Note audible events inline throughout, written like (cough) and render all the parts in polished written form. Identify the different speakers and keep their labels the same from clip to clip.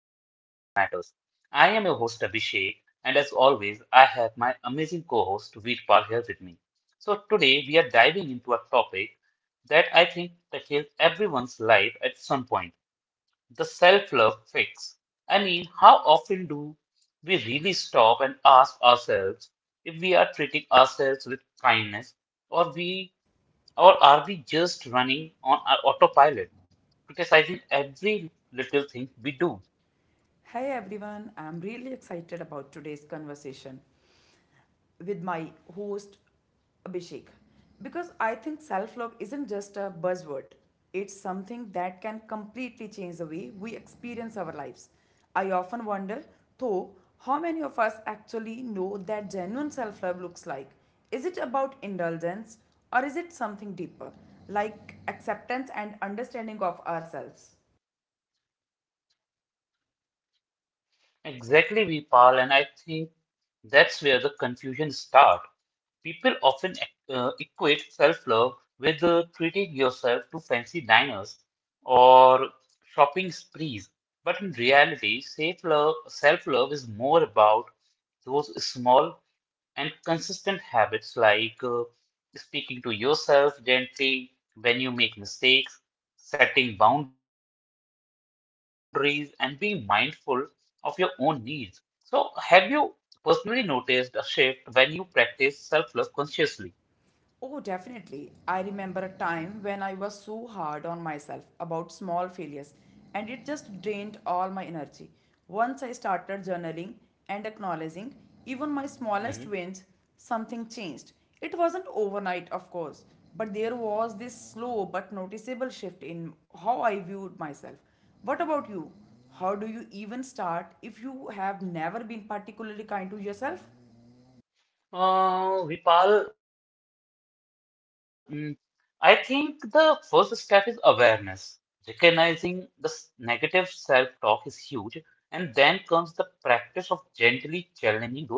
Speaker 1: Matters. I am your host, Abhishek, and as always, I have my amazing co host, Veerpal, here with me. So, today we are diving into a topic that I think touches everyone's life at some point the self love fix. I mean, how often do we really stop and ask ourselves if we are treating ourselves with kindness or we or are we just running on autopilot, criticizing every little thing we do?
Speaker 2: Hi everyone, I'm really excited about today's conversation with my host Abhishek because I think self love isn't just a buzzword, it's something that can completely change the way we experience our lives. I often wonder, though, how many of us actually know that genuine self love looks like? Is it about indulgence or is it something deeper, like acceptance and understanding of ourselves?
Speaker 1: Exactly, Vipal, and I think that's where the confusion starts. People often equate self-love with treating yourself to fancy diners or shopping sprees, but in reality, self-love is more about those small and consistent habits like speaking to yourself gently when you make mistakes, setting boundaries, and being mindful of your own needs. So, have you personally noticed a shift when you practice self love consciously?
Speaker 2: Oh, definitely. I remember a time when I was so hard on myself about small failures, and it just drained all my energy. Once I started journaling and acknowledging even my smallest
Speaker 1: Mhm.
Speaker 2: wins, something changed. It wasn't overnight, of course, but there was this slow but noticeable shift in how I viewed myself. What about you? How do you even start if you have never been particularly kind to yourself?
Speaker 1: Vipal, I think the first step is awareness. Recognizing the negative self-talk is huge, and then comes the practice of gently challenging those thoughts.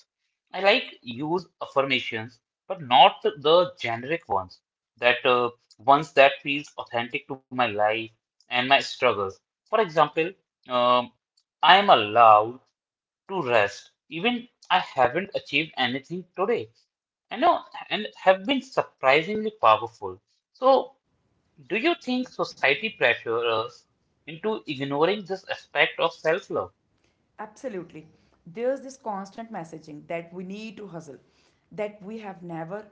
Speaker 1: I like use affirmations, but not the generic ones. That Ones that feels authentic to my life and my struggles. For example, um, I am allowed to rest. Even I haven't achieved anything today. I know and have been surprisingly powerful. So, do you think society pressures us into ignoring this aspect of self
Speaker 2: Absolutely. There's this constant messaging that we need to hustle, that we have never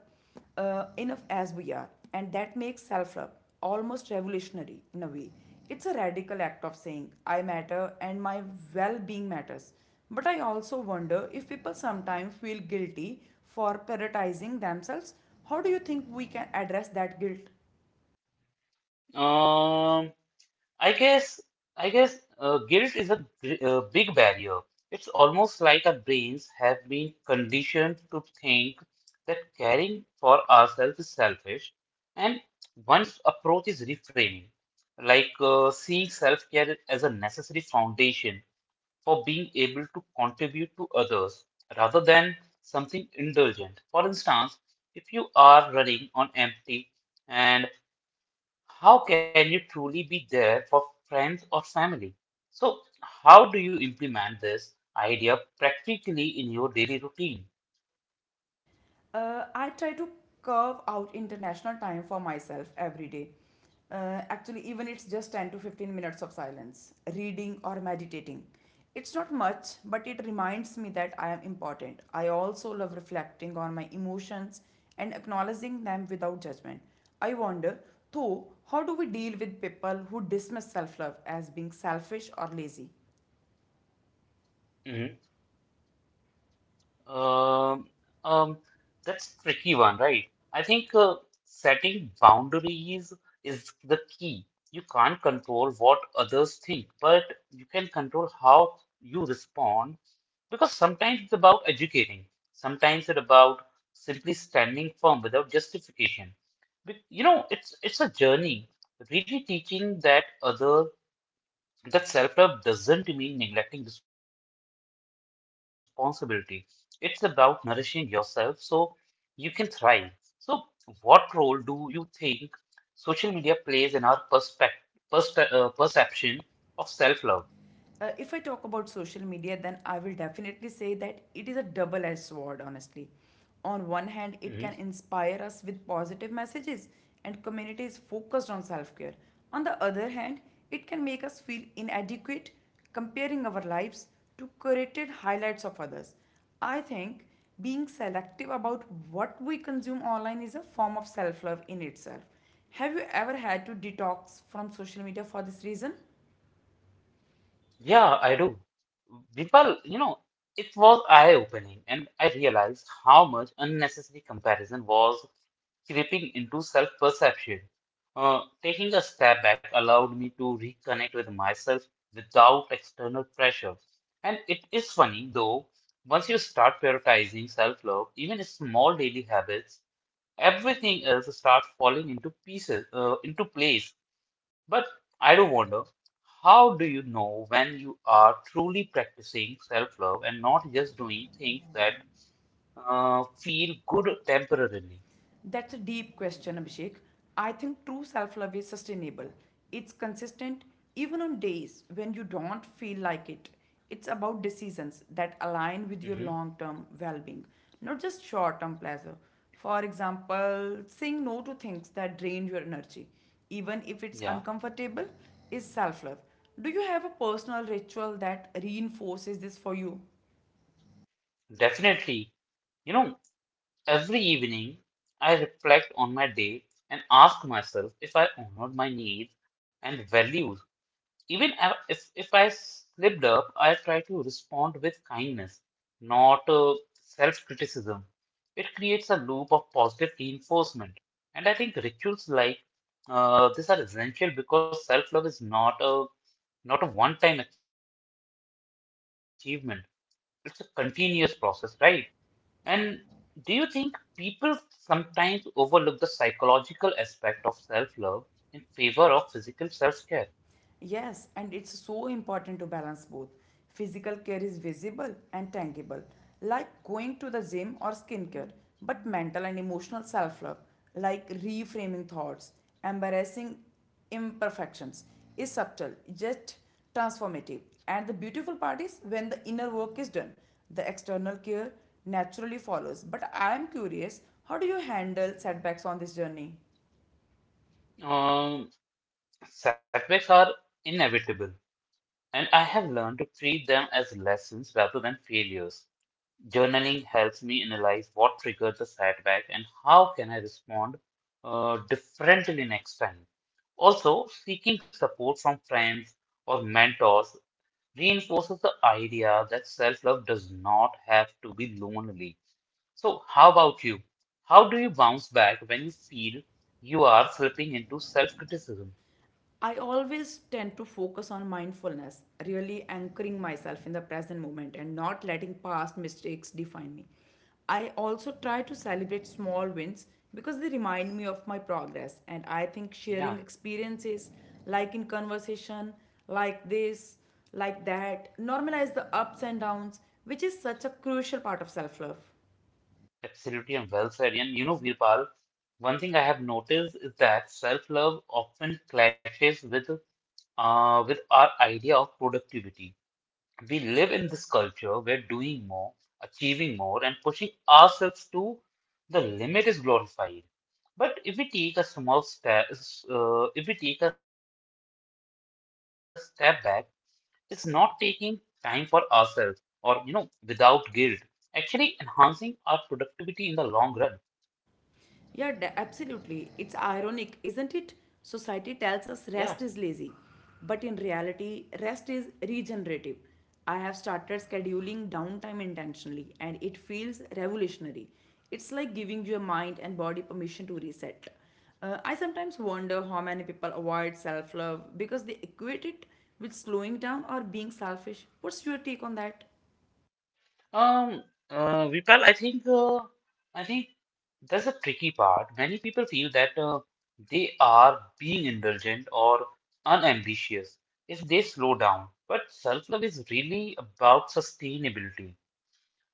Speaker 2: enough as we are, and that makes self love almost revolutionary in a way. It's a radical act of saying, I matter and my well being matters. But I also wonder if people sometimes feel guilty for prioritizing themselves. How do you think we can address that guilt?
Speaker 1: love? I guess, I guess guilt is a, big barrier. It's almost like our brains have been conditioned to think that caring for ourselves is selfish, and one's approach is reframing, seeing self-care as a necessary foundation for being able to contribute to others rather than something indulgent. For instance, if you are running on empty, and how can you truly be there for friends or family? So, how do you implement this idea practically in your daily routine?
Speaker 2: I try to carve out international time for myself every day. Actually, even it's just 10 to 15 minutes of silence, reading or meditating. It's not much, but it reminds me that I am important. I also love reflecting on my emotions and acknowledging them without judgment. I wonder, though, how do we deal with people who dismiss self love as being selfish or lazy?
Speaker 1: Mm-hmm. Um, um, that's tricky one, right? I think setting boundaries is the key. You can't control what others think, but you can control how you respond because sometimes it's about educating, sometimes it's about simply standing firm without justification. You know, it's a journey, really teaching that other. That self love doesn't mean neglecting responsibility. It's about nourishing yourself so you can thrive. So, what role do you think social media plays in our perspe- uh, perception of self love?
Speaker 2: If I talk about social media, then I will definitely say that it is a double edged sword, honestly. On one hand, it can
Speaker 1: Hmm.
Speaker 2: inspire us with positive messages and communities focused on self care. On the other hand, it can make us feel inadequate, comparing our lives to curated highlights of others. I think being selective about what we consume online is a form of self love in itself. Have you ever had to detox from social media for this reason?
Speaker 1: Yeah, I do. Vipal, you know, it was eye opening, and I realized how much unnecessary comparison was creeping into self perception. Taking a step back allowed me to reconnect with myself without external pressure. And it is funny though, once you start prioritizing self love, even small daily habits, everything else starts falling into pieces, into place. But I do wonder, how do you know when you are truly practicing self love and not just doing things that feel good temporarily?
Speaker 2: That's a deep question, Abhishek. I think true self love is sustainable. It's consistent even on days when you don't feel like it. It's about decisions that align with your
Speaker 1: Hmm.
Speaker 2: long term well being, not just short term pleasure. For example, saying no to things that drain your energy, even if it's
Speaker 1: Yeah.
Speaker 2: uncomfortable, is self love. Do you have a personal ritual that reinforces this for you?
Speaker 1: Definitely. You know, every evening I reflect on my day and ask myself if I honored my needs and values. If I slipped up, I try to respond with kindness, not self criticism. It creates a loop of positive reinforcement. And I think rituals like this are essential because self love is not a one time achievement, it's a continuous process, right? And do you think people sometimes overlook the psychological aspect of self-love in favor of physical self-care?
Speaker 2: Yes, and it's so important to balance both. Physical care is visible and tangible, like going to the gym or skincare, but mental and emotional self love, like reframing thoughts, embarrassing imperfections, is subtle, just transformative. And the beautiful part is when the inner work is done, the external care naturally follows. But I am curious, how do you handle setbacks on this journey?
Speaker 1: Um, Setbacks are inevitable, and I have learned to treat them as lessons rather than failures. Journaling helps me analyze what triggered the setback and how can I respond differently next time. Also, seeking support from friends or mentors reinforces the idea that self love does not have to be lonely. So, how about you? How do you bounce back when you feel you are slipping into self criticism?
Speaker 2: I always tend to focus on mindfulness, really anchoring myself in the present moment and not letting past mistakes define me. I also try to celebrate small wins because they remind me of my progress, and I think sharing
Speaker 1: Yeah,
Speaker 2: experiences, like in conversation, like this, like that, normalize the ups and downs, which is such a crucial part of self love.
Speaker 1: absolutely, and well said. And you know, Virpal, one thing I have noticed is that self love often clashes with our idea of productivity. We live in this culture where doing more, achieving more, and pushing ourselves to the limit is glorified. But if we take a small step, if we take a step back, it's not taking time for ourselves or, you know, without guilt, actually enhancing our productivity in the long run.
Speaker 2: Yeah, absolutely. It's ironic, isn't it? Society tells us
Speaker 1: Yeah.
Speaker 2: rest is lazy, but in reality, rest is regenerative. I have started scheduling downtime intentionally, and it feels revolutionary. It's like giving your mind and body permission to reset. I sometimes wonder how many people avoid self love because they equate it with slowing down or being selfish. What's your take on that?
Speaker 1: Um, Vipal, I think that's the tricky part. Many people feel that they are being indulgent or unambitious if they slow down. But self-love is really about sustainability.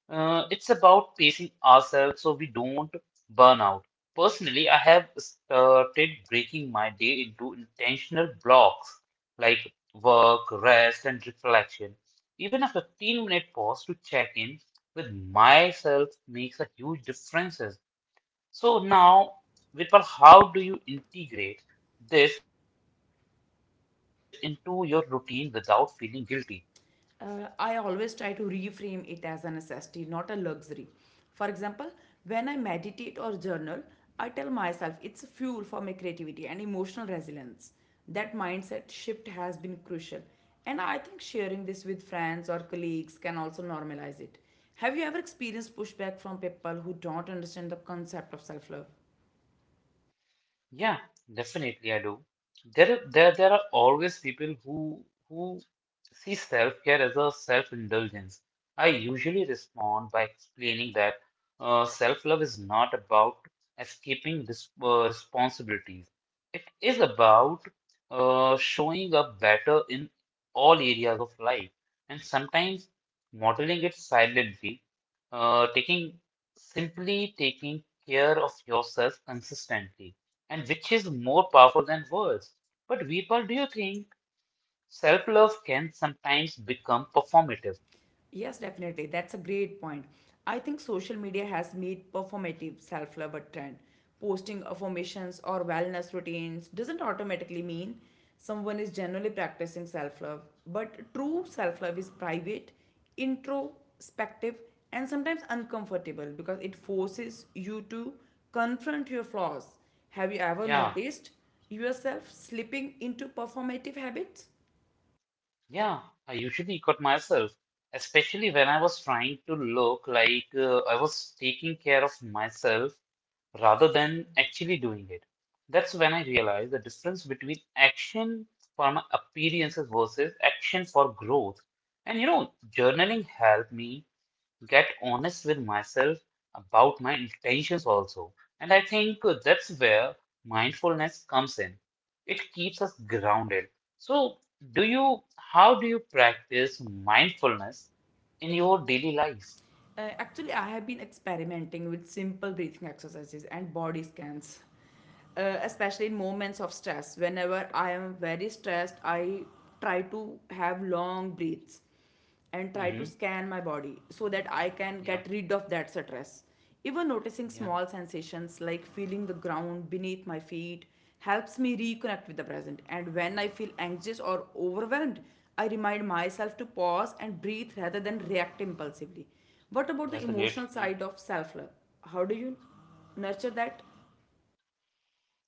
Speaker 1: It's about pacing ourselves so we don't burn out. Personally, I have started breaking my day into intentional blocks like work, rest, and reflection. Even a 15-minute pause to check in with myself makes a huge difference. So now, Vipal, how do you integrate this into your routine without feeling guilty?
Speaker 2: I always try to reframe it as a necessity, not a luxury. For example, when I meditate or journal, I tell myself it's fuel for my creativity and emotional resilience. That mindset shift has been crucial. And I think sharing this with friends or colleagues can also normalize it. Have you ever experienced pushback from people who don't understand the concept of self love?
Speaker 1: Yeah, definitely I do. There are always people who see self-care as a self-indulgence. I usually respond by explaining that self-love is not about escaping responsibilities. It is about showing up better in all areas of life, and sometimes modeling it silently, taking simply taking care of yourself consistently, and which is more powerful than words. But Veerpal, do you think self-love can sometimes become performative?
Speaker 2: Yes, definitely. That's a great point. I think social media has made performative self love a trend. Posting affirmations or wellness routines doesn't automatically mean someone is generally practicing self love, but true self love is private, introspective, and sometimes uncomfortable because it forces you to confront your flaws. Have you ever
Speaker 1: Yeah.
Speaker 2: noticed yourself slipping into performative habits?
Speaker 1: Yeah, I usually cut myself, especially when I was trying to look like I was taking care of myself rather than actually doing it. That's when I realized the difference between action for my appearances versus action for growth. And you know, journaling helped me get honest with myself about my intentions also. And I think that's where mindfulness comes in. It keeps us grounded. So, how do you practice mindfulness in your daily life?
Speaker 2: Actually, I have been experimenting with simple breathing exercises and body scans, especially in moments of stress. Whenever I am very stressed, I try to have long breaths and try to
Speaker 1: Hmm.
Speaker 2: scan my body so that I can
Speaker 1: Yeah,
Speaker 2: get rid of that stress. Even noticing
Speaker 1: yeah,
Speaker 2: small sensations like feeling the ground beneath my feet helps me reconnect with the present. And when I feel anxious or overwhelmed, I remind myself to pause and breathe rather than react impulsively. What about the emotional
Speaker 1: yeah.
Speaker 2: side of self love? How do you nurture that?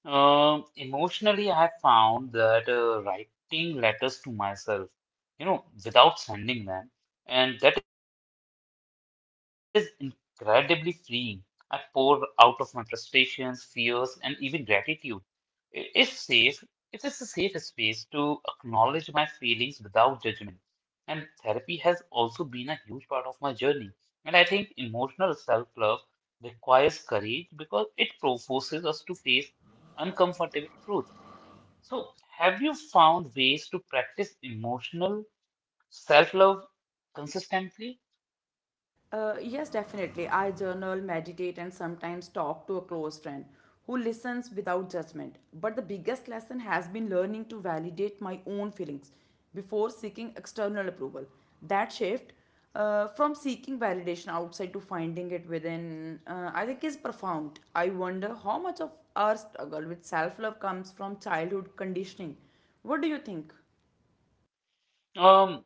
Speaker 1: Emotionally, I found that writing letters to myself, you know, without sending them, and that is incredibly freeing. I pour out of my frustrations, fears, and even gratitude. It's safe. It is a safe space to acknowledge my feelings without judgment. And therapy has also been a huge part of my journey. And I think emotional self love requires courage because it forces us to face uncomfortable truth. So, have you found ways to practice emotional self love consistently?
Speaker 2: Yes, definitely. I journal, meditate, and sometimes talk to a close friend who listens without judgment. But the biggest lesson has been learning to validate my own feelings before seeking external approval. That shift, from seeking validation outside to finding it within, I think, is profound. I wonder how much of our struggle with self love comes from childhood conditioning. What do you think?
Speaker 1: Um,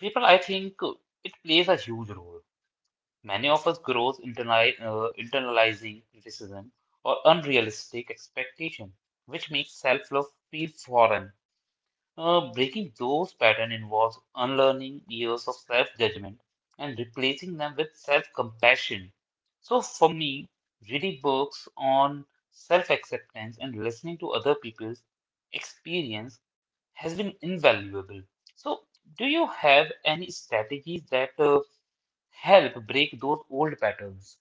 Speaker 1: people, I think It plays a huge role. Many of us grow internalizing criticism or unrealistic expectation, which makes self-love feel foreign. Breaking those patterns involves unlearning years of self-judgment and replacing them with self-compassion. So for me, reading books on self-acceptance and listening to other people's experience has been invaluable. So do you have any strategies that help break those old patterns?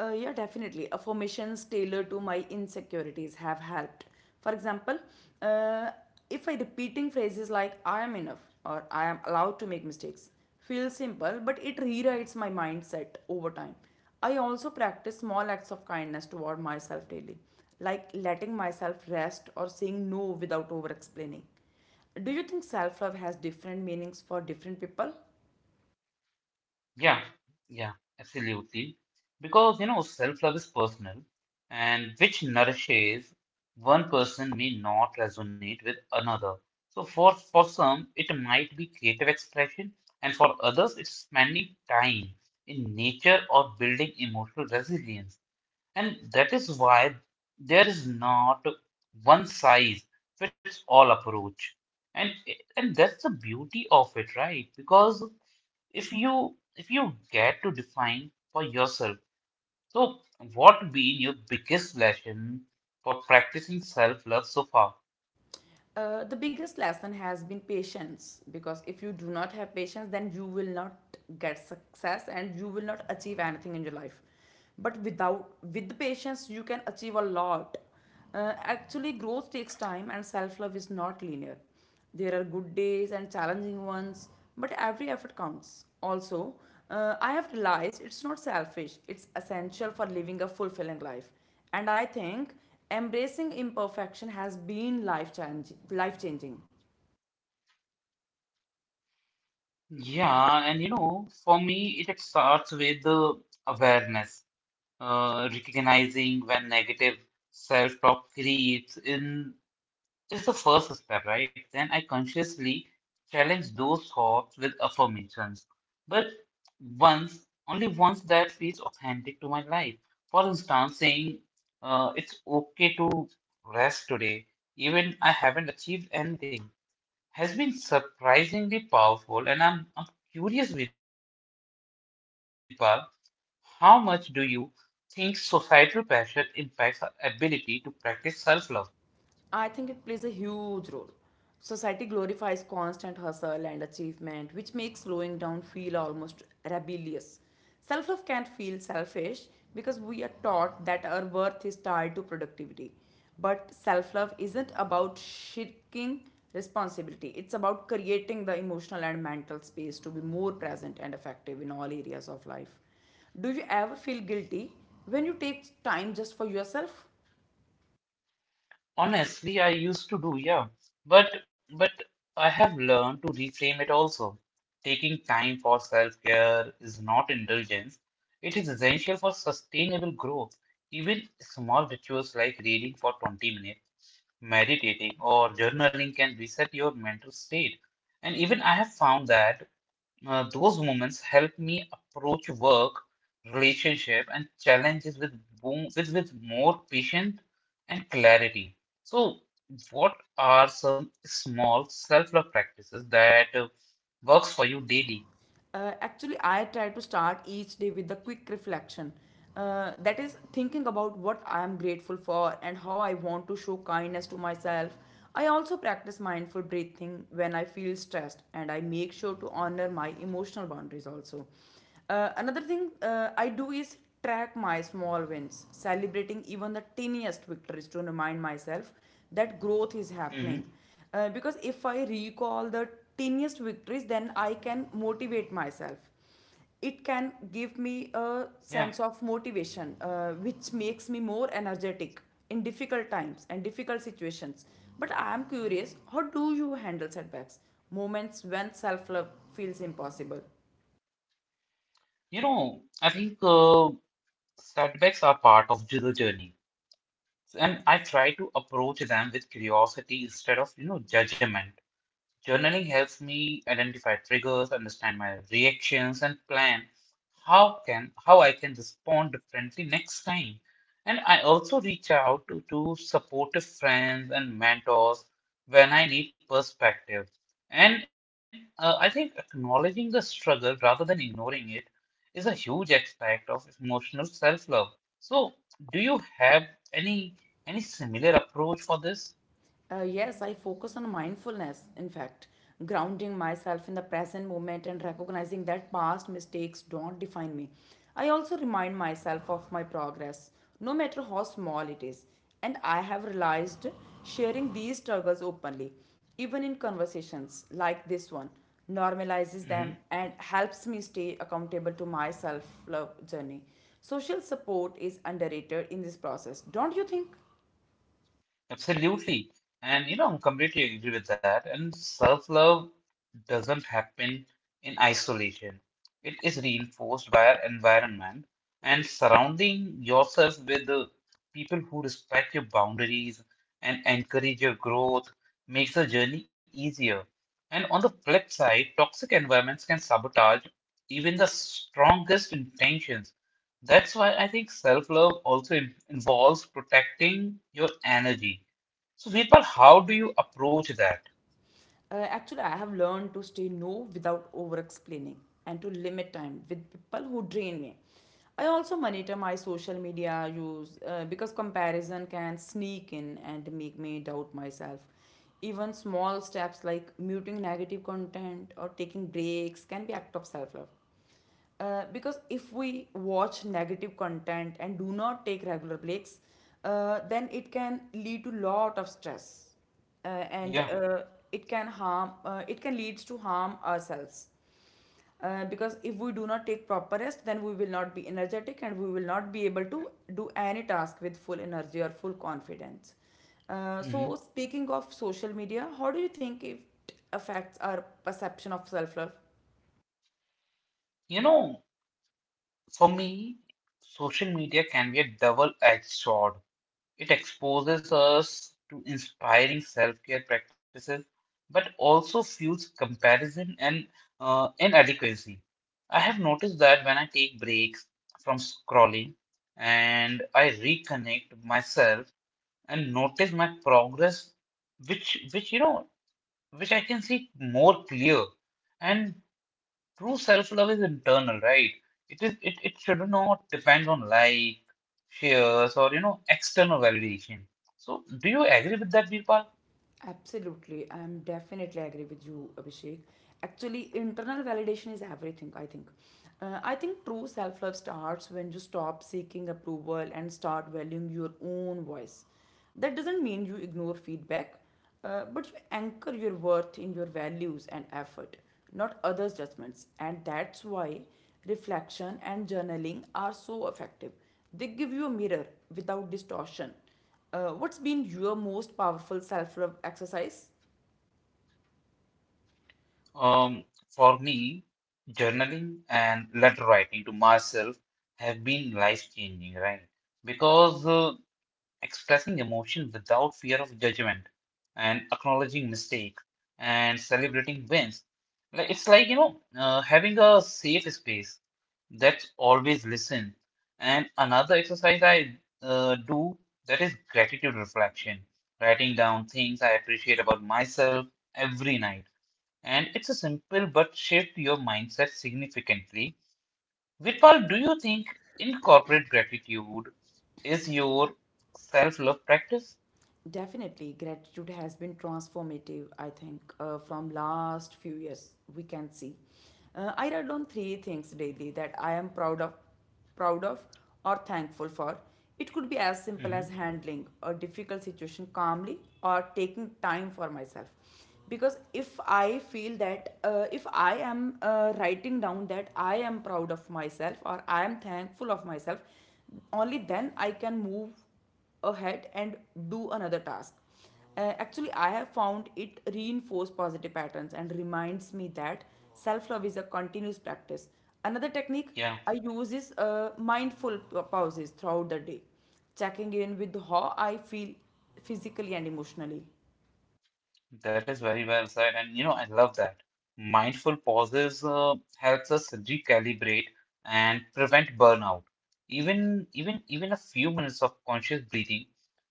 Speaker 2: Yeah, definitely. Affirmations tailored to my insecurities have helped. For example, uh, if I repeating phrases like "I am enough" or "I am allowed to make mistakes" feels simple, but it rewrites my mindset over time. I also practice small acts of kindness toward myself daily, like letting myself rest or saying no without over explaining. Do you think self love has different meanings for different people?
Speaker 1: Yeah, yeah, absolutely. Because you know, self-love is personal, and which nourishes one person may not resonate with another. So for some, it might be creative expression, and for others, it's spending time in nature or building emotional resilience. And that is why there is not one size fits all approach. And that's the beauty of it, right? Because if you get to define for yourself, so what been your biggest lesson for practicing self-love so far?
Speaker 2: The biggest lesson has been patience because if you do not have patience, then you will not get success and you will not achieve anything in your life. But without with patience, you can achieve a lot. Actually, growth takes time, and self love is not linear. There are good days and challenging ones, but every effort counts. Also, I have realized it's not selfish, it's essential for living a fulfilling life. And I think embracing imperfection has been life changing. Life changing.
Speaker 1: Yeah, and you know, for me, it starts with the awareness, recognizing when negative self-talk creeps in is the first step, right? Then I consciously challenge those thoughts with affirmations. But once, only once that feels authentic to my life. For instance, saying it's okay to rest today, even I haven't achieved anything, has been surprisingly powerful. And I'm curious, Vipal, how much do you think societal pressure impacts our ability to practice self love?
Speaker 2: I think it plays a huge role. Society glorifies constant hustle and achievement, which makes slowing down feel almost rebellious. Self love can feel selfish because we are taught that our worth is tied to productivity. But self love isn't about shirking responsibility, it's about creating the emotional and mental space to be more present and effective in all areas of life. Do you ever feel guilty when you take time just for yourself?
Speaker 1: Honestly, I used to do, yeah. But but I have learned to reframe it also. Taking time for self-care is not indulgence. It is essential for sustainable growth. Even small rituals like reading for 20 minutes, meditating, or journaling can reset your mental state. And even I have found that those moments help me approach work, relationship, and challenges with, with more patience and clarity. So, what are some small self-love practices that works for you daily?
Speaker 2: Actually, I try to start each day with a quick reflection, that is thinking about what I am grateful for and how I want to show kindness to myself. I also practice mindful breathing when I feel stressed, and I make sure to honor my emotional boundaries also. Another thing, I do is track my small wins, celebrating even the tiniest victories to remind
Speaker 1: Hmm.
Speaker 2: myself that growth is happening. Because if I recall the tiniest victories, then I can motivate myself. It can give me a
Speaker 1: Yeah,
Speaker 2: sense of motivation, which makes me more energetic in difficult times and difficult situations. But I am curious, how do you handle setbacks, moments when self love feels impossible?
Speaker 1: you know, I think setbacks are part of the journey, and I try to approach them with curiosity instead of you know judgment. Journaling helps me identify triggers, understand my reactions, and plan how I can respond differently next time. And I also reach out to supportive friends and mentors when I need perspective. And I think acknowledging the struggle rather than ignoring it is a huge aspect of emotional self-love. So, do you have any any similar approach for this?
Speaker 2: Yes, I focus on mindfulness, in fact, grounding myself in the present moment and recognizing that past mistakes don't define me. I also remind myself of my progress, no matter how small it is. And I have realized sharing these struggles openly, even in conversations like this one, normalizes them and helps me stay accountable to my self love journey. Social support is underrated in this process, don't you think?
Speaker 1: Absolutely. And you know, I'm completely agree with that. And self-love doesn't happen in isolation. It is reinforced by our environment and surrounding yourself with the people who respect your boundaries and encourage your growth makes the journey easier. And on the flip side, toxic environments can sabotage even the strongest intentions. That's why I think self-love also involves protecting your energy. So, Virpal, how do you approach that?
Speaker 2: Actually, I have learned to say no without over explaining and to limit time with people who drain me. I also monitor my social media use because comparison can sneak in and make me doubt myself. Even small steps like muting negative content or taking breaks can be act of self love. Because if we watch negative content and do not take regular breaks, then it can lead to lot of stress, uh, and
Speaker 1: Yeah.
Speaker 2: uh, it can harm. It can leads to harm ourselves. Because if we do not take proper rest, then we will not be energetic and we will not be able to do any task with full energy or full confidence. So,
Speaker 1: Hmm.
Speaker 2: speaking of social media, how do you think it affects our perception of self love?
Speaker 1: You know, for me, social media can be a double-edged sword. It exposes us to inspiring self-care practices, but also fuels comparison and inadequacy. I have noticed that when I take breaks from scrolling and I reconnect myself and notice my progress, which which I can see more clear. And true self-love is internal, right? It is it should not depend on, like, shares, or, you know, external validation. So do you agree with that, Virpal?
Speaker 2: Absolutely, I'm definitely agree with you, Abhishek. Actually, internal validation is everything, I think. I think true self love starts when you stop seeking approval and start valuing your own voice. That doesn't mean you ignore feedback, but you anchor your worth in your values and effort, not others' judgments. And that's why reflection and journaling are so effective. They give you a mirror without distortion. What's been your most powerful self love exercise?
Speaker 1: Um, for me, journaling and letter writing to myself have been life-changing, right? Because expressing emotion without fear of judgment and acknowledging mistakes and celebrating wins, like it's like, you know, having a safe space that's always listen. And another exercise I do, that is gratitude reflection, writing down things I appreciate about myself every night. And it's a simple but shift your mindset significantly. Virpal, do you think incorporate gratitude is your self-love practice?
Speaker 2: Definitely, gratitude has been transformative, I think, from last few years we can see. I write down three things daily that I am proud of, proud of or thankful for. It could be as simple as
Speaker 1: Hmm.
Speaker 2: handling a difficult situation calmly or taking time for myself. Because if I feel that, if I am writing down that I am proud of myself or I am thankful of myself, only then I can move ahead and do another task. Actually, I have found it reinforces positive patterns and reminds me that self love is a continuous practice. Another technique I use is mindful pauses throughout the day, checking in with how I feel physically and emotionally.
Speaker 1: That is very well said, and you know, I love that. Mindful pauses helps us recalibrate and prevent burnout. Even a few minutes of conscious breathing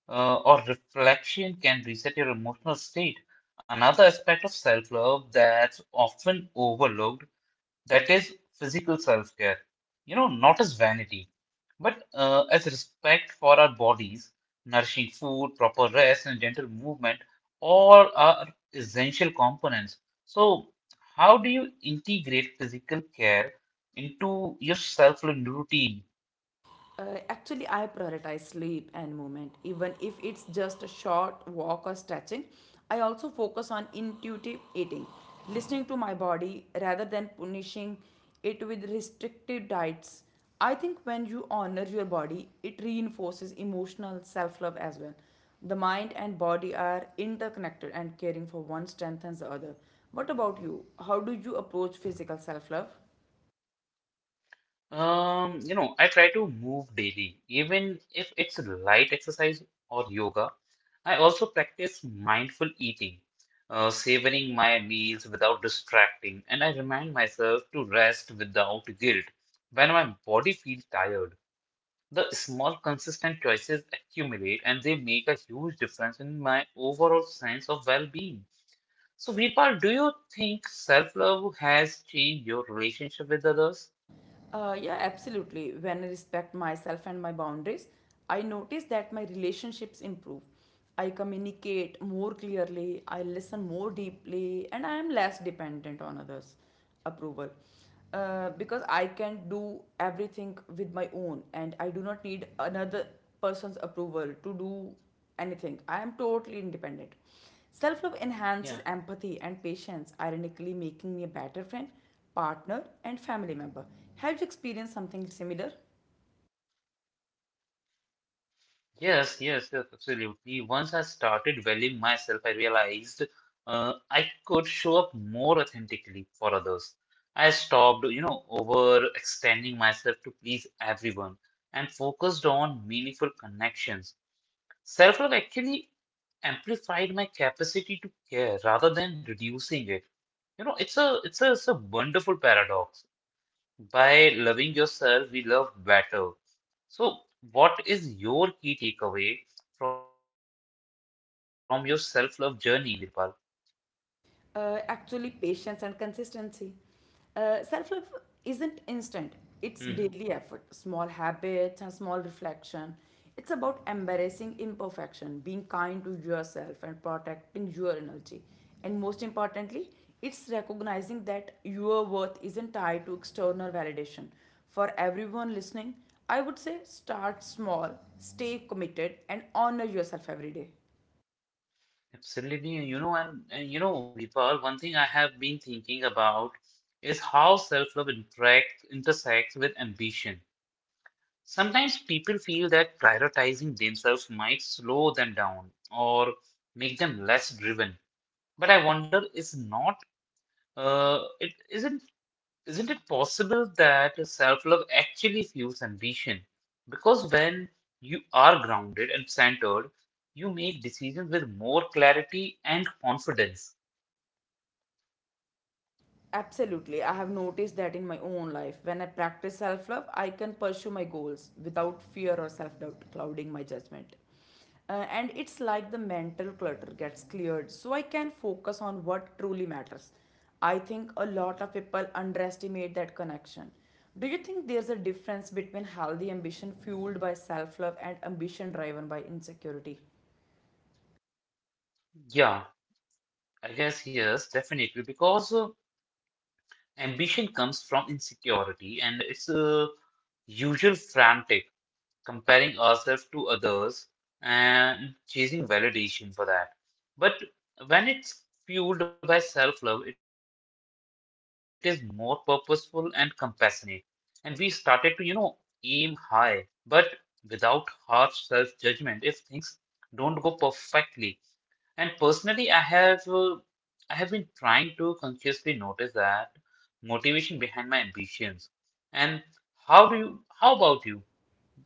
Speaker 1: or reflection can reset your emotional state. Another aspect of self-love that's often overlooked, that is physical self care, you know, not as vanity, but as respect for our bodies, nourishing food, proper rest, and gentle movement, all are essential components. So, how do you integrate physical care into your self-led routine?
Speaker 2: Actually, I prioritize sleep and movement, even if it's just a short walk or stretching. I also focus on intuitive eating, listening to my body rather than punishing it with restrictive diets. I think when you honor your body, it reinforces emotional self love as well. The mind and body are interconnected, and caring for one strengthens the other. What about you? How do you approach physical self love?
Speaker 1: You know, I try to move daily, even if it's light exercise or yoga. I also practice mindful eating, savoring my meals without distracting, and I remind myself to rest without guilt. When my body feels tired, the small consistent choices accumulate and they make a huge difference in my overall sense of well-being. So, Veerpal, do you think self-love has changed your relationship with others?
Speaker 2: Yeah, absolutely. When I respect myself and my boundaries, I notice that my relationships improve. I communicate more clearly, I listen more deeply, and I am less dependent on others' approval. Because I can do everything with my own, and I do not need another person's approval to do anything. I am totally independent. Self love enhances
Speaker 1: Yeah.
Speaker 2: empathy and patience, ironically, making me a better friend partner, and family member. Have you experienced something similar?
Speaker 1: Yes, absolutely. Once I started valuing myself, I realized uh, I could show up more authentically for others. I stopped, you know, overextending myself to please everyone and focused on meaningful connections. Self-love actually amplified my capacity to care rather than reducing it. You know, it's a wonderful paradox. By loving yourself, we love better. So, what is your key takeaway from your self-love journey, Virpal?
Speaker 2: Actually, patience and consistency. Self love isn't instant,
Speaker 1: Hmm.
Speaker 2: it's daily effort, small habits, and small reflection. It's about embracing imperfection, being kind to yourself, and protecting your energy. And most importantly, it's recognizing that your worth isn't tied to external validation. For everyone listening, I would say start small, stay committed, and honor yourself every day.
Speaker 1: Absolutely, you know, and you know, Vipal, one thing I have been thinking about is how self-love intersects with ambition. Sometimes people feel that prioritizing themselves might slow them down or make them less driven. But I wonder, is not it isn't it possible that self love actually fuels ambition? Because when you are grounded and centered, you make decisions with more clarity and confidence.
Speaker 2: Absolutely. I have noticed that in my own life. When I practice self love, I can pursue my goals without fear or self doubt clouding my judgment. And it's like the mental clutter gets cleared so I can focus on what truly matters. I think a lot of people underestimate that connection. Do you think there's a difference between healthy ambition fueled by self love and ambition driven by insecurity?
Speaker 1: Yeah, I guess yes, definitely. Because ambition comes from insecurity and it's usual frantic, comparing ourselves to others and chasing validation for that. But when it's fueled by self love, it is more purposeful and compassionate. And we started to, you know, aim high, but without harsh self-judgment if things don't go perfectly. And personally, I have been trying to consciously notice that motivation behind my ambitions. And how about you?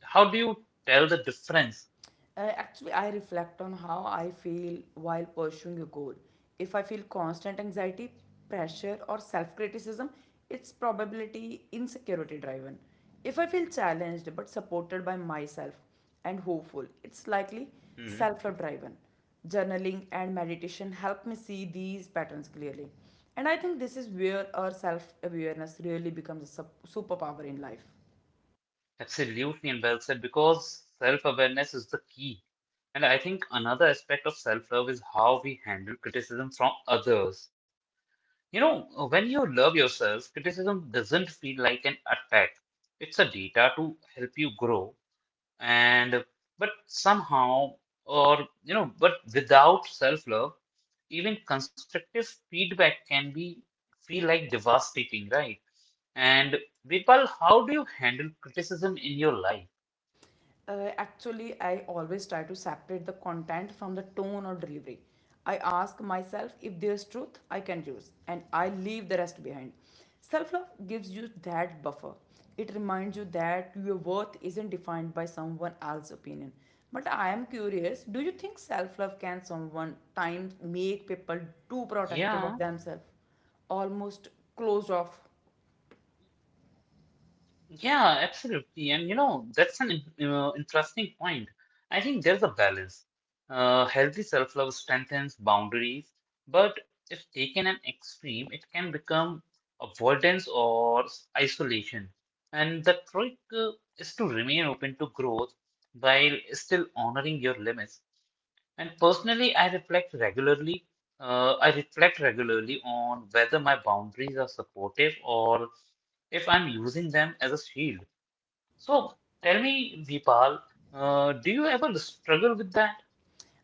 Speaker 1: How do you tell the difference?
Speaker 2: Actually, I reflect on how I feel while pursuing a goal. If I feel constant anxiety, pressure, or self criticism, it's probability insecurity driven. If I feel challenged but supported by myself and hopeful, it's likely
Speaker 1: Mhm.
Speaker 2: self love driven. Journaling and meditation help me see these patterns clearly. And I think this is where our self awareness really becomes a superpower in life.
Speaker 1: Absolutely, and well said, because self-awareness is the key. And I think another aspect of self-love is how we handle criticism from others. You know, when you love yourself, criticism doesn't feel like an attack. It's a data to help you grow. And but somehow, or you know, but without self-love, even constructive feedback can be feel like devastating, right? And Vipal, how do you handle criticism in your life?
Speaker 2: Actually, I always try to separate the content from the tone or delivery. I ask myself if there's truth I can use, and I leave the rest behind. Self love gives you that buffer. It reminds you that your worth isn't defined by someone else's opinion. But I am curious, do you think self love can someone times
Speaker 1: Yeah.
Speaker 2: make people too protective of themselves? Almost closed off?
Speaker 1: Yeah, absolutely. And you know, that's an interesting point. I think there's a balance. Healthy self-love strengthens boundaries, but if taken an extreme, it can become avoidance or isolation. And the trick is to remain open to growth while still honoring your limits. And personally, I reflect regularly. I reflect regularly on whether my boundaries are supportive or if I'm using them as a shield. So tell me, Vipal, do you ever struggle with that?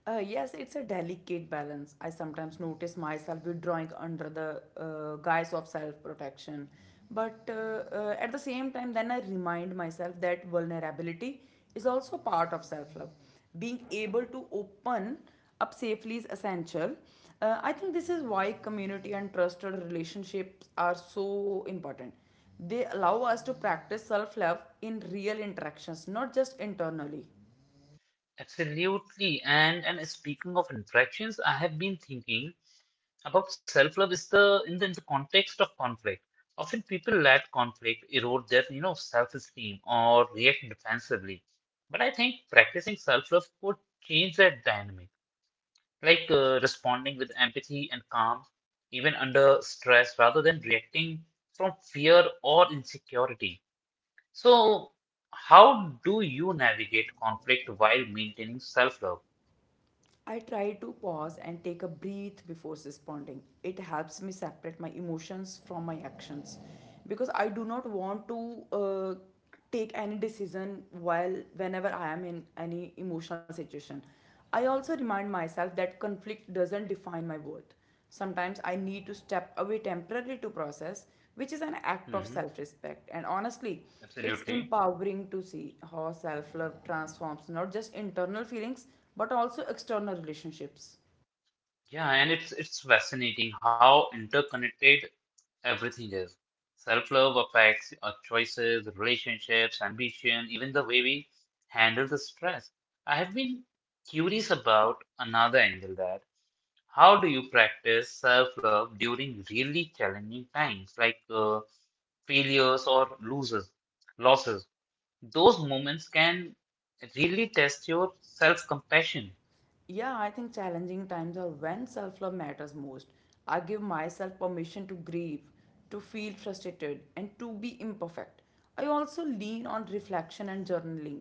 Speaker 2: Yes, it's a delicate balance. I sometimes notice myself withdrawing under the guise of self protection. But at the same time, then I remind myself that vulnerability is also part of self love. Being able to open up safely is essential. I think this is why community and trusted relationships are so important. They allow us to practice self love in real interactions, not just internally.
Speaker 1: Absolutely. And speaking of interactions, I have been thinking about self-love is the in the, in the context of conflict. Often people let conflict erode their, you know, self-esteem or react defensively. But I think practicing self-love could change that dynamic, like, responding with empathy and calm, even under stress, rather than reacting from fear or insecurity. So, how do you navigate conflict while maintaining self-love?
Speaker 2: I try to pause and take a breath before responding. It helps me separate my emotions from my actions because I do not want to take any decision while whenever I am in any emotional situation. I also remind myself that conflict doesn't define my worth. Sometimes I need to step away temporarily to process, which is an act of
Speaker 1: Mhm.
Speaker 2: self respect. And honestly, it's
Speaker 1: Absolutely.
Speaker 2: empowering to see how self love transforms not just internal feelings but also external relationships.
Speaker 1: Yeah, and it's fascinating how interconnected everything is. Self-love affects our choices, relationships, ambition, even the way we handle the stress. I have been curious about another angle, that how do you practice self-love during really challenging times, like failures or losses? Those moments can really test your self-compassion.
Speaker 2: Yeah, I think challenging times are when self love matters most. I give myself permission to grieve, to feel frustrated, and to be imperfect. I also lean on reflection and journaling,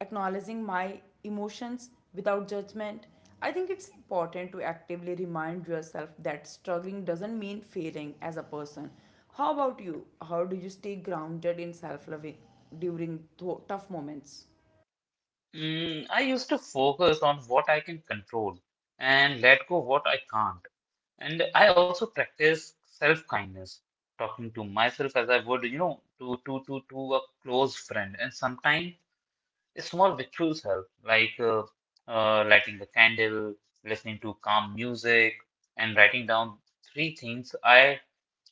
Speaker 2: acknowledging my emotions without judgment. I think it's important to actively remind yourself that struggling doesn't mean failing as a person. How about you? How do you stay grounded in self love during tough moments?
Speaker 1: Mm, I used to focus on what I can control and let go what I can't. And I also practice self-kindness, talking to myself as I would, you know, to a close friend. And sometimes small rituals help, like lighting a candle, listening to calm music, and writing down three things I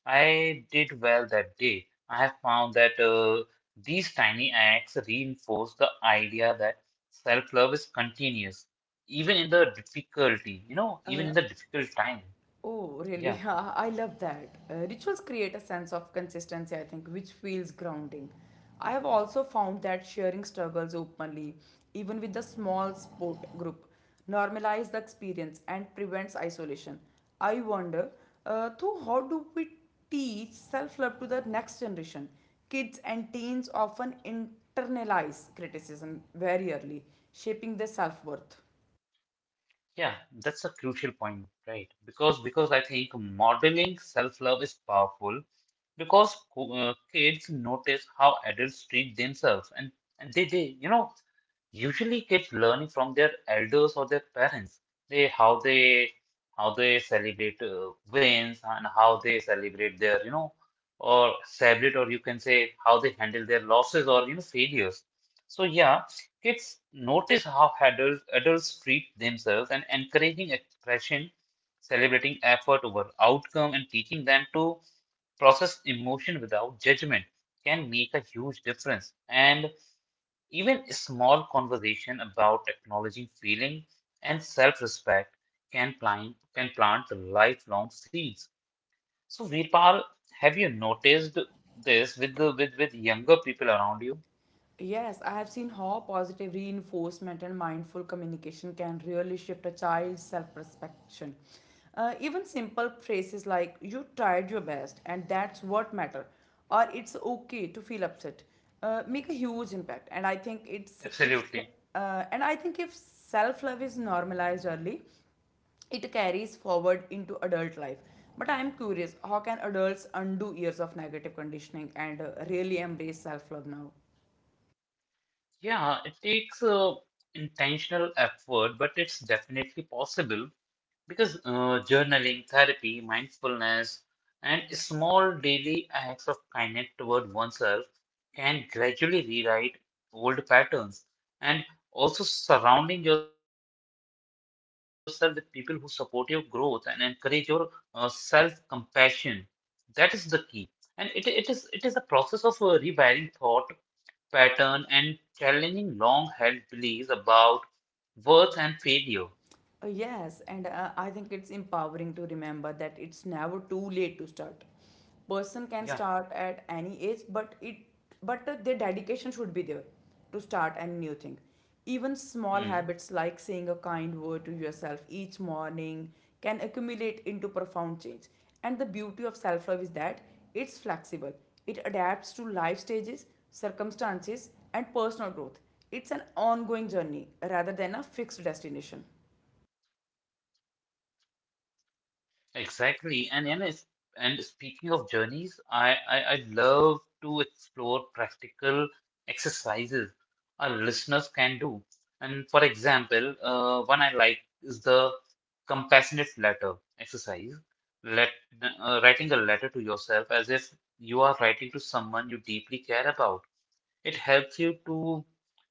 Speaker 1: I did well that day. I have found that these tiny acts reinforce the idea that self-love is continuous, even in the difficulty, you know, even in the difficult time.
Speaker 2: Oh, really? (laughs)
Speaker 1: Yeah.
Speaker 2: I love that. Rituals create a sense of consistency, I think, which feels grounding. I have also found that sharing struggles openly, even with the small support group, normalize the experience and prevents isolation. I wonder, though, how do we teach self-love to the next generation? Kids and teens often internalize criticism very early, shaping their self-worth.
Speaker 1: Yeah, that's a crucial point, right? Because I think modeling self-love is powerful because kids notice how adults treat themselves, and they you know, usually kids learning from their elders or their parents, they how they how they celebrate wins and how they celebrate their, you know, or celebrate, or you can say how they handle their losses or you know failures, so yeah. Kids notice how adults treat themselves and encouraging expression, celebrating effort over outcome, and teaching them to process emotion without judgment can make a huge difference. And even a small conversation about acknowledging feeling and self respect can plant lifelong seeds. So, Virpal, have you noticed this with younger people around you?
Speaker 2: Yes, I have seen how positive reinforcement and mindful communication can really shift a child's self perception. Even simple phrases like, you tried your best and that's what matter, or it's okay to feel upset, make a huge impact. And I think it's if
Speaker 1: Absolutely.
Speaker 2: uh, and I think if self love is normalized early, it carries forward into adult life. But I am curious, how can adults undo years of negative conditioning and really embrace self love now?
Speaker 1: Yeah, it takes intentional effort, but it's definitely possible because journaling, therapy, mindfulness, and small daily acts of kindness toward oneself can gradually rewrite old patterns. And also surrounding yourself with people who support your growth and encourage your self-compassion. That is the key. And it is a process of rewiring thought pattern and challenging long-held beliefs about worth and failure.
Speaker 2: Yes, and I think it's empowering to remember that it's never too late to start. Person can
Speaker 1: Yeah,
Speaker 2: start at any age, but it but their dedication should be there to start any new thing. Even small
Speaker 1: hmm,
Speaker 2: habits like saying a kind word to yourself each morning can accumulate into profound change. And the beauty of self-love is that it's flexible. It adapts to life stages, circumstances, and personal growth. It's an ongoing journey rather than a fixed destination.
Speaker 1: exactly. And, and speaking of journeys, I love to explore practical exercises our listeners can do. And for example, one I like is the compassionate letter exercise. Let Writing a letter to yourself as if you are writing to someone you deeply care about. It helps you to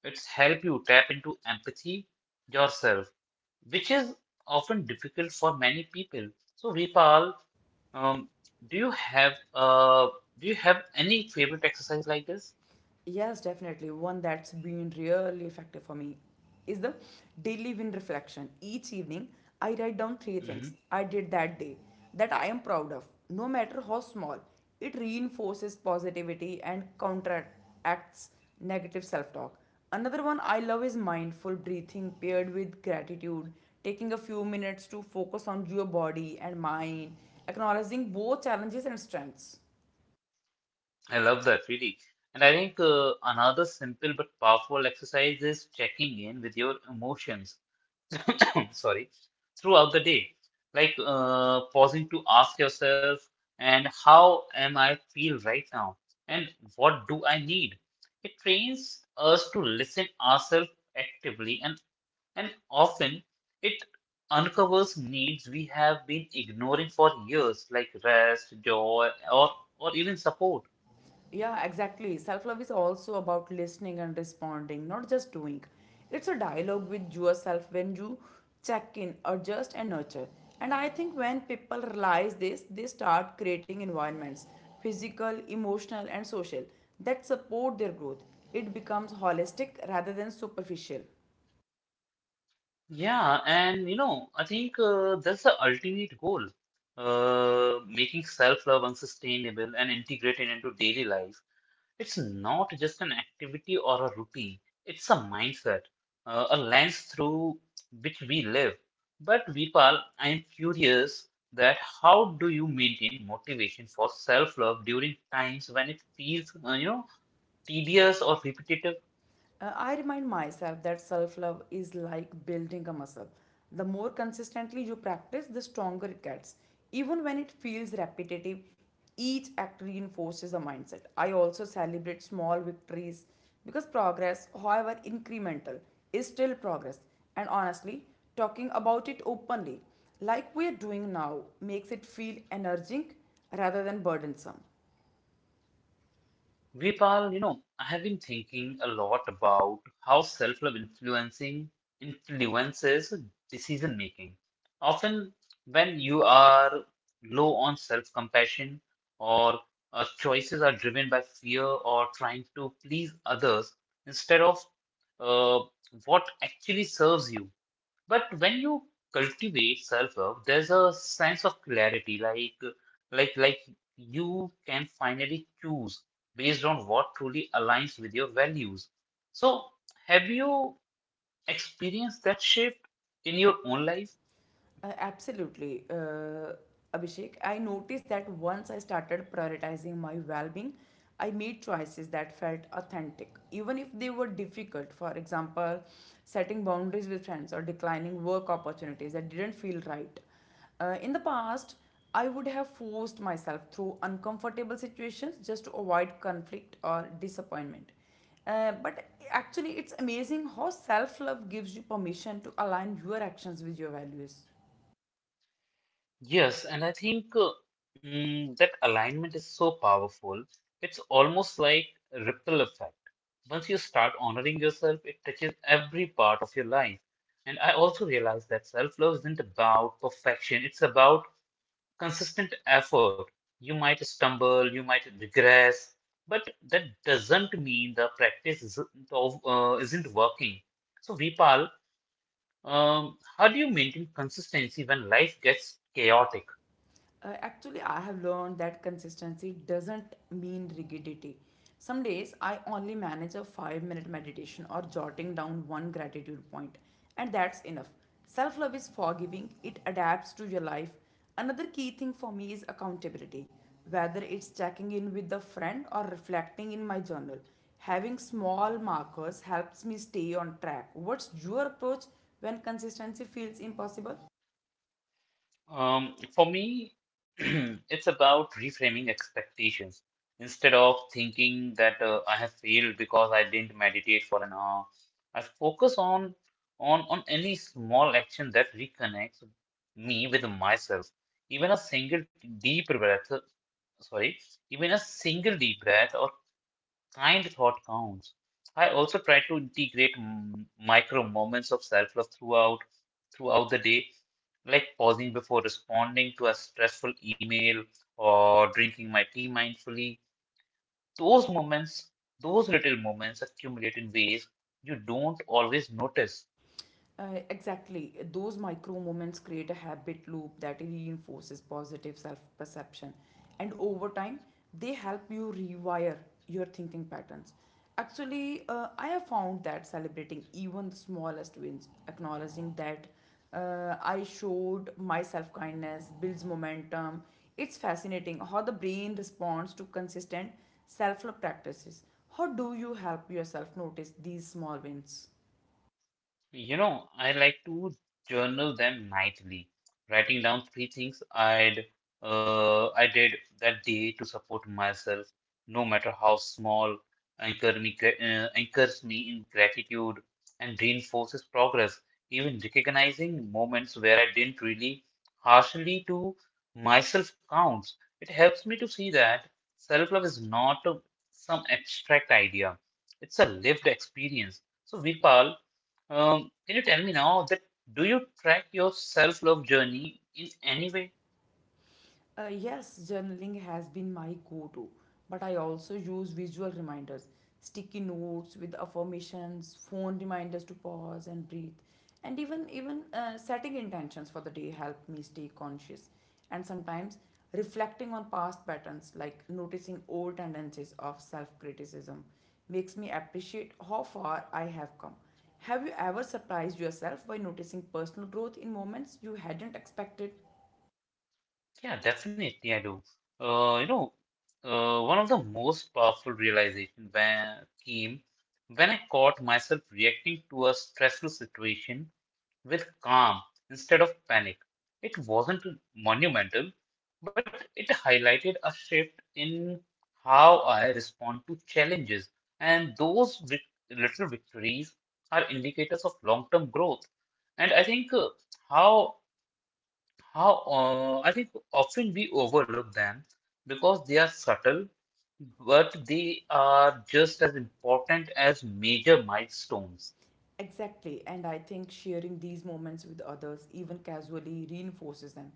Speaker 1: it's help you tap into empathy yourself, which is often difficult for many people. So Vipal, um, do you have any favorite exercise like this?
Speaker 2: Yes, definitely. One that's been really effective for me is the daily win reflection. Each evening, I write down three things
Speaker 1: Hmm.
Speaker 2: I did that day that I am proud of, no matter how small. It reinforces positivity and counteracts negative self talk. Another one I love is mindful breathing paired with gratitude, taking a few minutes to focus on your body and mind, acknowledging both challenges and strengths.
Speaker 1: I love that really. And I think another simple but powerful exercise is checking in with your emotions. Sorry, throughout the day. Like, pausing to ask yourself, and how am I feel right now? And what do I need? It trains us to listen ourselves actively, and often it uncovers needs we have been ignoring for years, like rest, joy, or even support.
Speaker 2: Yeah, exactly. Self love is also about listening and responding, not just doing. It's a dialogue with yourself when you check in, adjust, and nurture. And I think when people realize this, they start creating environments physical, emotional, and social that support their growth. It becomes holistic rather than superficial.
Speaker 1: Yeah, and you know, I think that's the ultimate goal, making self-love unsustainable and integrated into daily life. It's not just an activity or a routine, it's a mindset, a lens through which we live. But Vipal, I'm curious that how do you maintain motivation for self-love during times when it feels, you know, tedious or repetitive?
Speaker 2: I remind myself that self love is like building a muscle. The more consistently you practice, the stronger it gets. Even when it feels repetitive, each act reinforces the mindset. I also celebrate small victories because progress, however incremental, is still progress. And honestly, talking about it openly, like we are doing now, makes it feel energizing rather than burdensome.
Speaker 1: Vipal, you know, I have been thinking a lot about how self-love influencing influences decision making. Often, when you are low on self-compassion, or choices are driven by fear or trying to please others instead of uh, what actually serves you, but when you cultivate self-love, there's a sense of clarity, like like you can finally choose based on what truly aligns with your values. So, have you experienced that shift in your own life?
Speaker 2: Absolutely, Abhishek. I noticed that once I started prioritizing my well being, I made choices that felt authentic, even if they were difficult. For example, setting boundaries with friends or declining work opportunities that didn't feel right. In the past, I would have forced myself through uncomfortable situations just to avoid conflict or disappointment. But actually, it's amazing how self love gives you permission to align your actions with your values.
Speaker 1: Yes, and I think mm, that alignment is so powerful. It's almost like a ripple effect. Once you start honoring yourself, it touches every part of your life. And I also realized that self love isn't about perfection, it's about consistent effort. You might stumble, you might regress, but that doesn't mean the practice isn't working. So, Vipal, how do you maintain consistency when life gets chaotic?
Speaker 2: Actually, I have learned that consistency doesn't mean rigidity. Some days I only manage a 5-minute meditation or jotting down one gratitude point, and that's enough. Self love is forgiving, it adapts to your life. Another key thing for me is accountability, whether it's checking in with a friend or reflecting in my journal. Having small markers helps me stay on track. What's your approach when consistency feels impossible?
Speaker 1: For me, (clears throat) it's about reframing expectations. Instead of thinking that I have failed because I didn't meditate for an hour, I focus on any small action that reconnects me with myself. Even a single deep breath, sorry, even a single deep breath or kind thought counts. I also try to integrate micro moments of self-love throughout the day, like pausing before responding to a stressful email or drinking my tea mindfully. Those moments, those little moments accumulate in ways you don't always notice.
Speaker 2: Exactly. Those micro moments create a habit loop that reinforces positive self perception. And over time, they help you rewire your thinking patterns. Actually, I have found that celebrating even the smallest wins, acknowledging that I showed my self kindness, builds momentum. It's fascinating how the brain responds to consistent self love practices. How do you help yourself notice these small wins?
Speaker 1: You know, I like to journal them nightly, writing down 3 things I did that day to support myself, no matter how small, anchors me in gratitude and reinforces progress. Even recognizing moments where I didn't really harshly to myself counts. It helps me to see that self-love is not some abstract idea; it's a lived experience. So, Virpal. Can you tell me now that do you track your self-love journey in any way?
Speaker 2: Yes, journaling has been my go to, but I also use visual reminders, sticky notes with affirmations, phone reminders to pause and breathe, and even setting intentions for the day help me stay conscious. And sometimes reflecting on past patterns, like noticing old tendencies of self criticism, makes me appreciate how far I have come. Have you ever surprised yourself by noticing personal growth in moments you hadn't expected?
Speaker 1: Yeah, definitely I do. Uh, you know, one of the most powerful realization when came when I caught myself reacting to a stressful situation with calm instead of panic. It wasn't monumental, but it highlighted a shift in how I respond to challenges, and those little victories are indicators of long-term growth. And I think how how I think often we overlook them because they are subtle, but they are just as important as major milestones.
Speaker 2: Exactly, and I think sharing these moments with others, even casually, reinforces them.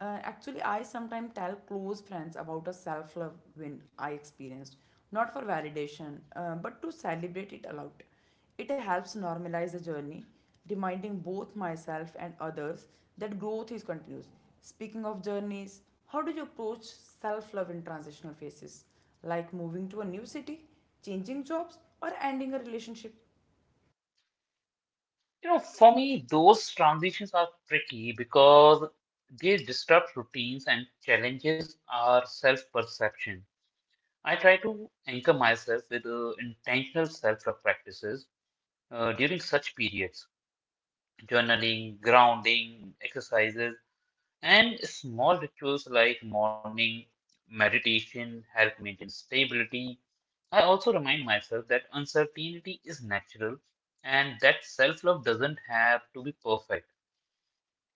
Speaker 2: Actually, I sometimes tell close friends about a self love win I experienced, not for validation, but to celebrate it aloud. It helps normalize the journey, reminding both myself and others that growth is continuous. Speaking of journeys, how do you approach self love in transitional phases, like moving to a new city, changing jobs, or ending a relationship?
Speaker 1: You know, for me, those transitions are tricky because they disrupt routines and challenges our self-perception. I try to anchor myself with intentional self-love practices during such periods, journaling, grounding, exercises, and small rituals like morning meditation help maintain stability. I also remind myself that uncertainty is natural and that self-love doesn't have to be perfect.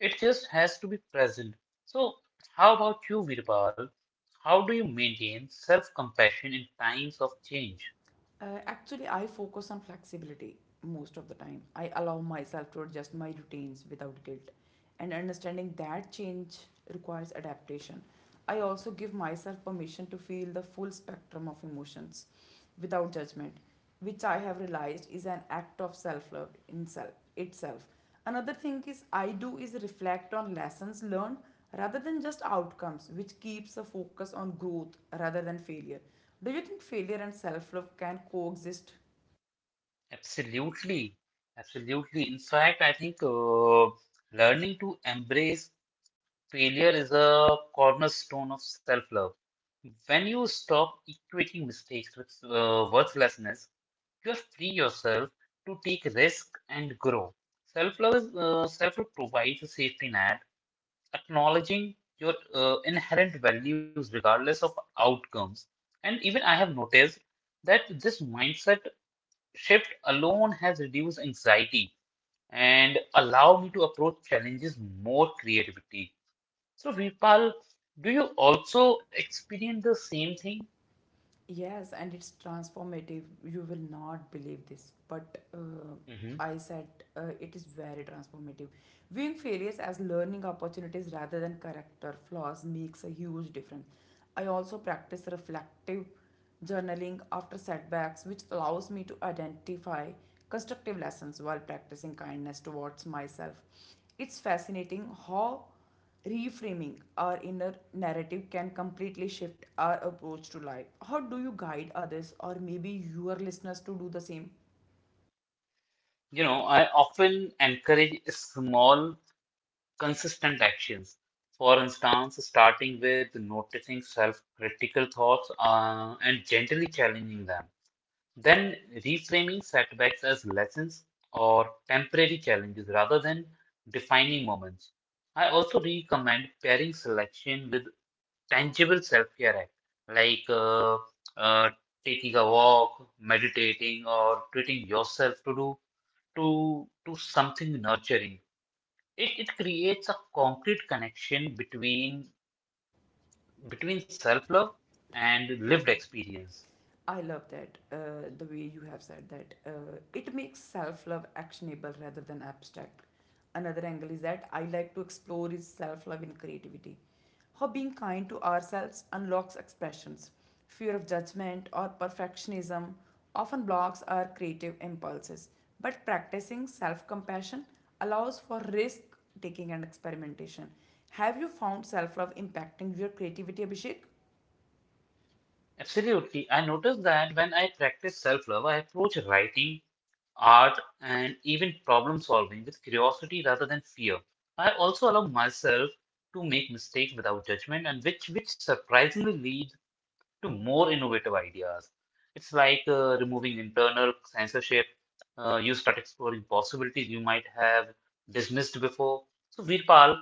Speaker 1: It just has to be present. So, how about you, Virpal? How do you maintain self compassion in times of change?
Speaker 2: Actually, I focus on flexibility most of the time. I allow myself to adjust my routines without guilt, and understanding that change requires adaptation. I also give myself permission to feel the full spectrum of emotions without judgment, which I have realized is an act of self love in self itself. Another thing is I do is reflect on lessons learned rather than just outcomes, which keeps a focus on growth rather than failure. Do you think failure and self love can coexist?
Speaker 1: Absolutely, absolutely. In fact, I think learning to embrace failure is a cornerstone of self love. When you stop equating mistakes with worthlessness, you free yourself to take risks and grow. Self love provides a safety net acknowledging your inherent values regardless of outcomes. And even I have noticed that this mindset shift alone has reduced anxiety and allowed me to approach challenges more creativity. So, Virpal, do you also experience the same thing?
Speaker 2: Yes, and it's transformative. You will not believe this, but
Speaker 1: Hmm.
Speaker 2: I said it is very transformative. Viewing failures as learning opportunities rather than character flaws makes a huge difference. I also practice reflective journaling after setbacks, which allows me to identify constructive lessons while practicing kindness towards myself. It's fascinating how reframing our inner narrative can completely shift our approach to life. How do you guide others or maybe your listeners to do the same?
Speaker 1: You know, I often encourage small, consistent actions. For instance, starting with noticing self critical thoughts and gently challenging them. Then reframing setbacks as lessons or temporary challenges rather than defining moments. I also recommend pairing selection with tangible self care act like uh, taking a walk, meditating, or treating yourself to do to something nurturing. It creates a concrete connection between self love and lived experience.
Speaker 2: I love that, the way you have said that. It makes self love actionable rather than abstract. Another angle is that I like to explore is self love in creativity. How being kind to ourselves unlocks expressions. Fear of judgment or perfectionism often blocks our creative impulses, but practicing self compassion allows for risk taking and experimentation. Have you found self love impacting your creativity, Abhishek?
Speaker 1: Absolutely. I noticed that when I practice self-love, I approach writing, art, and even problem solving with curiosity rather than fear. I also allow myself to make mistakes without judgment, and which surprisingly leads to more innovative ideas. It's like removing internal censorship. You start exploring possibilities you might have dismissed before. So, Virpal,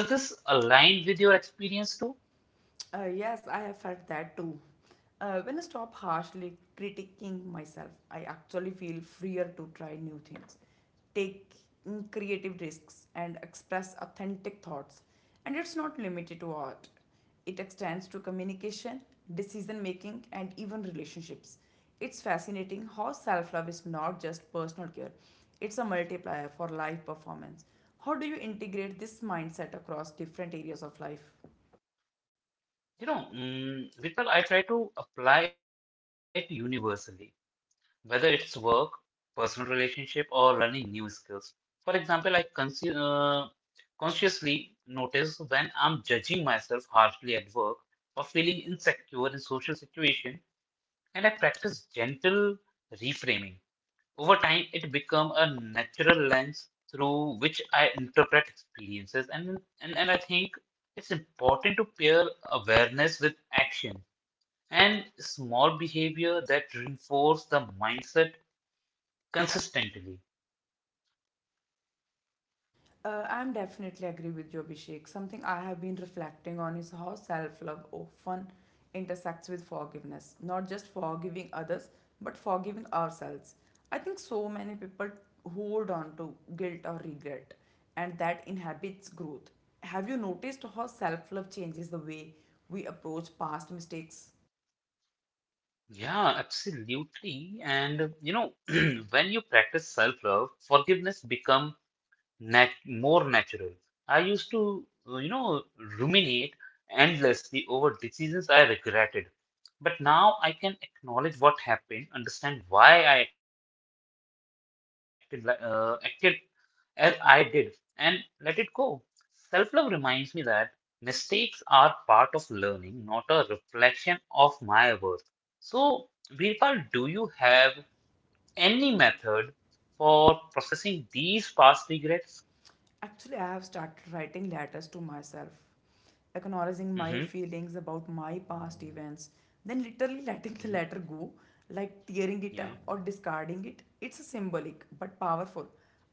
Speaker 1: does this align with your experience too?
Speaker 2: Yes, I have felt that too. When I stop harshly critiquing myself, I actually feel freer to try new things, take creative risks, and express authentic thoughts. And it's not limited to art, it extends to communication, decision making, and even relationships. It's fascinating how self love is not just personal care, it's a multiplier for life performance. How do you integrate this mindset across different areas of life?
Speaker 1: You know, mm, Vipul, I try to apply it universally, whether it's work, personal relationship, or learning new skills. For example, I consci consciously notice when I'm judging myself harshly at work or feeling insecure in social situation, and I practice gentle reframing. Over time, it becomes a natural lens through which I interpret experiences, and I think it's important to pair awareness with action and small behavior that reinforce the mindset consistently.
Speaker 2: I'm definitely agree with you, Abhishek. Something I have been reflecting on is how self-love often intersects with forgiveness, not just forgiving others, but forgiving ourselves. I think so many people hold on to guilt or regret, and that inhibits growth. Have you noticed how self-love changes the way we approach past mistakes?
Speaker 1: Yeah, absolutely. And you know, (clears throat) when you practice self-love, forgiveness become nat more natural. I used to, ruminate endlessly over decisions I regretted, but now I can acknowledge what happened, understand why I acted like acted as I did and let it go. Self love reminds me that mistakes are part of learning, not a reflection of my worth. So, Virpal, do you have any method for processing these past regrets?
Speaker 2: Actually, I have started writing letters to myself, acknowledging my
Speaker 1: Mm-hmm.
Speaker 2: feelings about my past events, then literally (laughs) letting the letter go, like tearing it
Speaker 1: Yeah.
Speaker 2: up or discarding it. It's symbolic but powerful.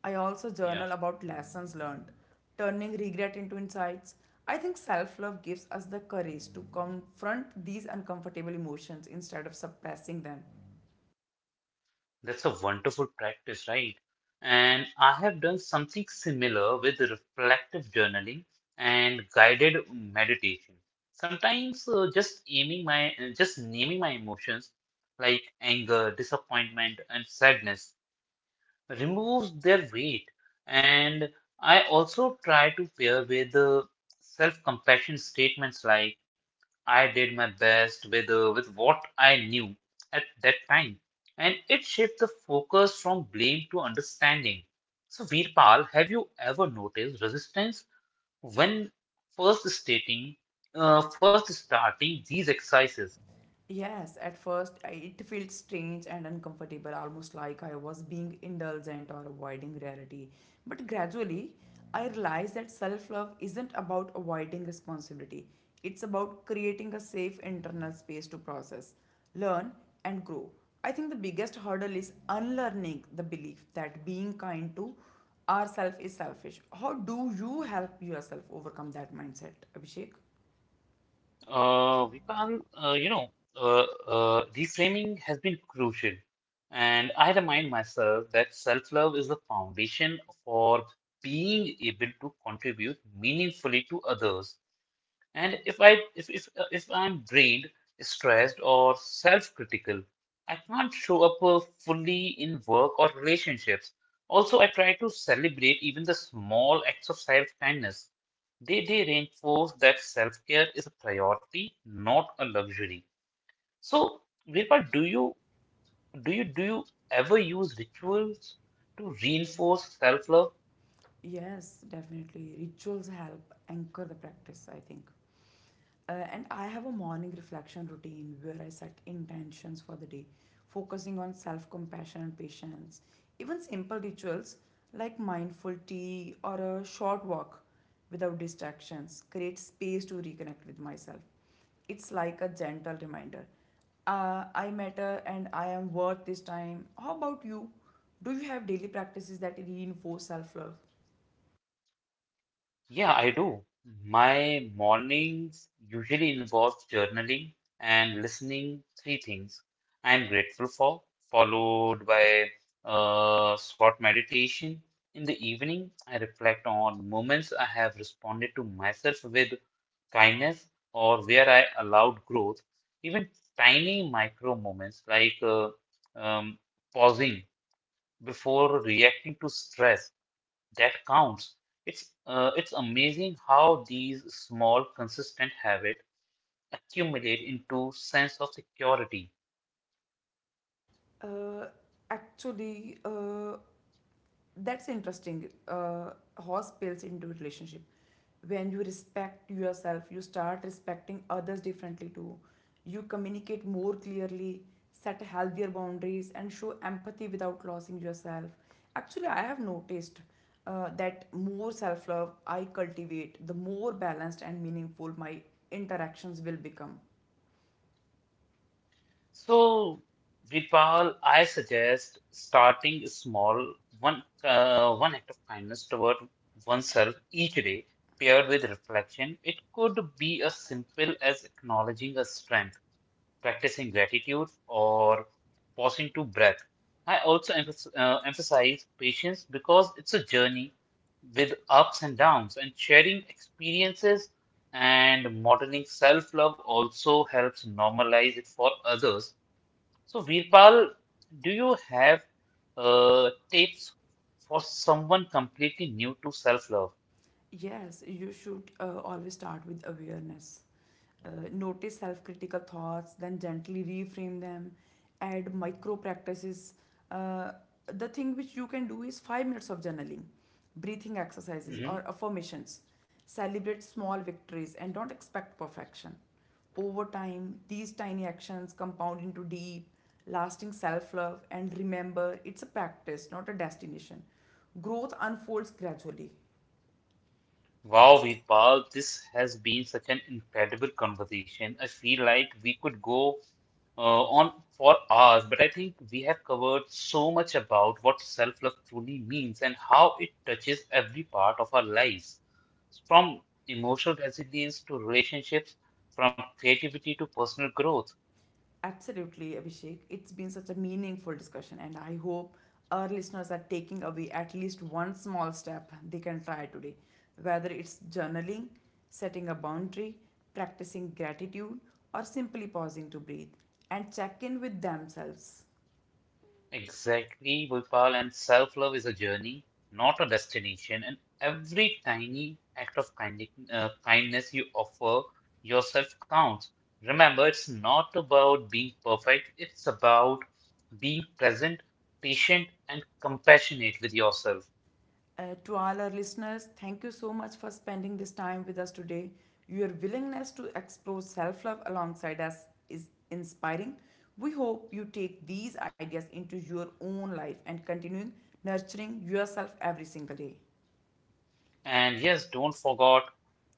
Speaker 2: I also
Speaker 1: Yeah.
Speaker 2: journal about lessons learned, turning regret into insights. I think self love gives us the courage to confront these uncomfortable emotions instead of suppressing them.
Speaker 1: That's a wonderful practice, right? And I have done something similar with reflective journaling and guided meditation. Sometimes just naming my emotions like anger, disappointment, and sadness removes their weight. And I also try to pair with self-compassion statements like I did my best with what I knew at that time, and it shifted the focus from blame to understanding. So, Veerpal, have you ever noticed resistance when first stating, first starting these exercises?
Speaker 2: Yes, at first it felt strange and uncomfortable, almost like I was being indulgent or avoiding reality. But gradually, I realized that self love isn't about avoiding responsibility, it's about creating a safe internal space to process, learn, and grow. I think the biggest hurdle is unlearning the belief that being kind to ourselves is selfish. How do you help yourself overcome that mindset, Abhishek?
Speaker 1: Veerpal, uh, reframing has been crucial, and I remind myself that self-love is the foundation for being able to contribute meaningfully to others. And if I'm drained, stressed, or self-critical, I can't show up fully in work or relationships. Also, I try to celebrate even the small acts of self-kindness. They reinforce that self-care is a priority, not a luxury. So, Virpa, do you ever use rituals to reinforce self-love?
Speaker 2: Yes, definitely. Rituals help anchor the practice, I think. And I have a morning reflection routine where I set intentions for the day, focusing on self compassion and patience. Even simple rituals like mindful tea or a short walk without distractions create space to reconnect with myself. It's like a gentle reminder, I matter and I am worth this time. How about you? Do you have daily practices that reinforce self love?
Speaker 1: Yeah, I do. My mornings usually involve journaling and listening 3 things I'm grateful for, followed by short meditation. In the evening, I reflect on moments I have responded to myself with kindness or where I allowed growth. Even tiny micro moments like um, pausing before reacting to stress that counts. It's amazing how these small, consistent habits accumulate into sense of security.
Speaker 2: Uh, actually, that's interesting. Horse spills into relationship. When you respect yourself, you start respecting others differently too. You communicate more clearly, set healthier boundaries, and show empathy without losing yourself. Actually, I have noticed that more self love I cultivate, the more balanced and meaningful my interactions will become.
Speaker 1: So, Vipal, I suggest starting small, one act of kindness toward oneself each day, paired with reflection. It could be as simple as acknowledging a strength practicing gratitude, or pausing to breath. I also emphasize patience because it's a journey with ups and downs, and sharing experiences and modeling self love also helps normalize it for others. So, Veerpal, do you have tips for someone completely new to self love?
Speaker 2: Yes, you should always start with awareness. Notice self critical thoughts, then gently reframe them, add micro practices. Uh, the thing which you can do is 5 minutes of journaling, breathing exercises, or affirmations. Celebrate small victories and don't expect perfection. Over time, these tiny actions compound into deep, lasting self love. And remember, it's a practice, not a destination. Growth unfolds gradually.
Speaker 1: Wow, Veerpal, this has been such an incredible conversation. I feel like we could go uh, on for hours, but I think we have covered so much about what self-love truly means and how it touches every part of our lives, from emotional resilience to relationships, from creativity to personal growth.
Speaker 2: Absolutely, Abhishek. It's been such a meaningful discussion, and I hope our listeners are taking away at least one small step they can try today, whether it's journaling, setting a boundary, practicing gratitude, or simply pausing to breathe and check in with themselves.
Speaker 1: Exactly, Gopal, and self love is a journey, not a destination. And every tiny act of kindness you offer yourself counts. Remember, it's not about being perfect, it's about being present, patient, and compassionate with yourself.
Speaker 2: To all our listeners, thank you so much for spending this time with us today. Your willingness to explore self love alongside us is inspiring. We hope you take these ideas into your own life and continuing nurturing yourself every single day.
Speaker 1: And yes, don't forget,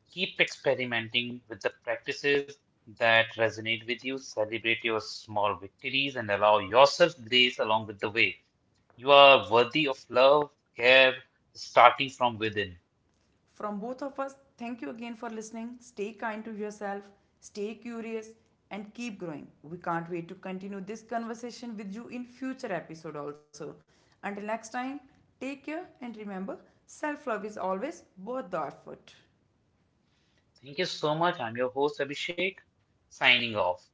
Speaker 1: keep experimenting with the practices that resonate with you. Celebrate your small victories and allow yourself grace along with the way. You are worthy of love, care, starting from within.
Speaker 2: From both of us, thank you again for listening. Stay kind to yourself, stay curious, and keep growing. We can't wait to continue this conversation with you in future episode also. Until next time, take care and remember, self-love is always worth the effort.
Speaker 1: Thank you so much. I'm your host, Abhishek, signing off.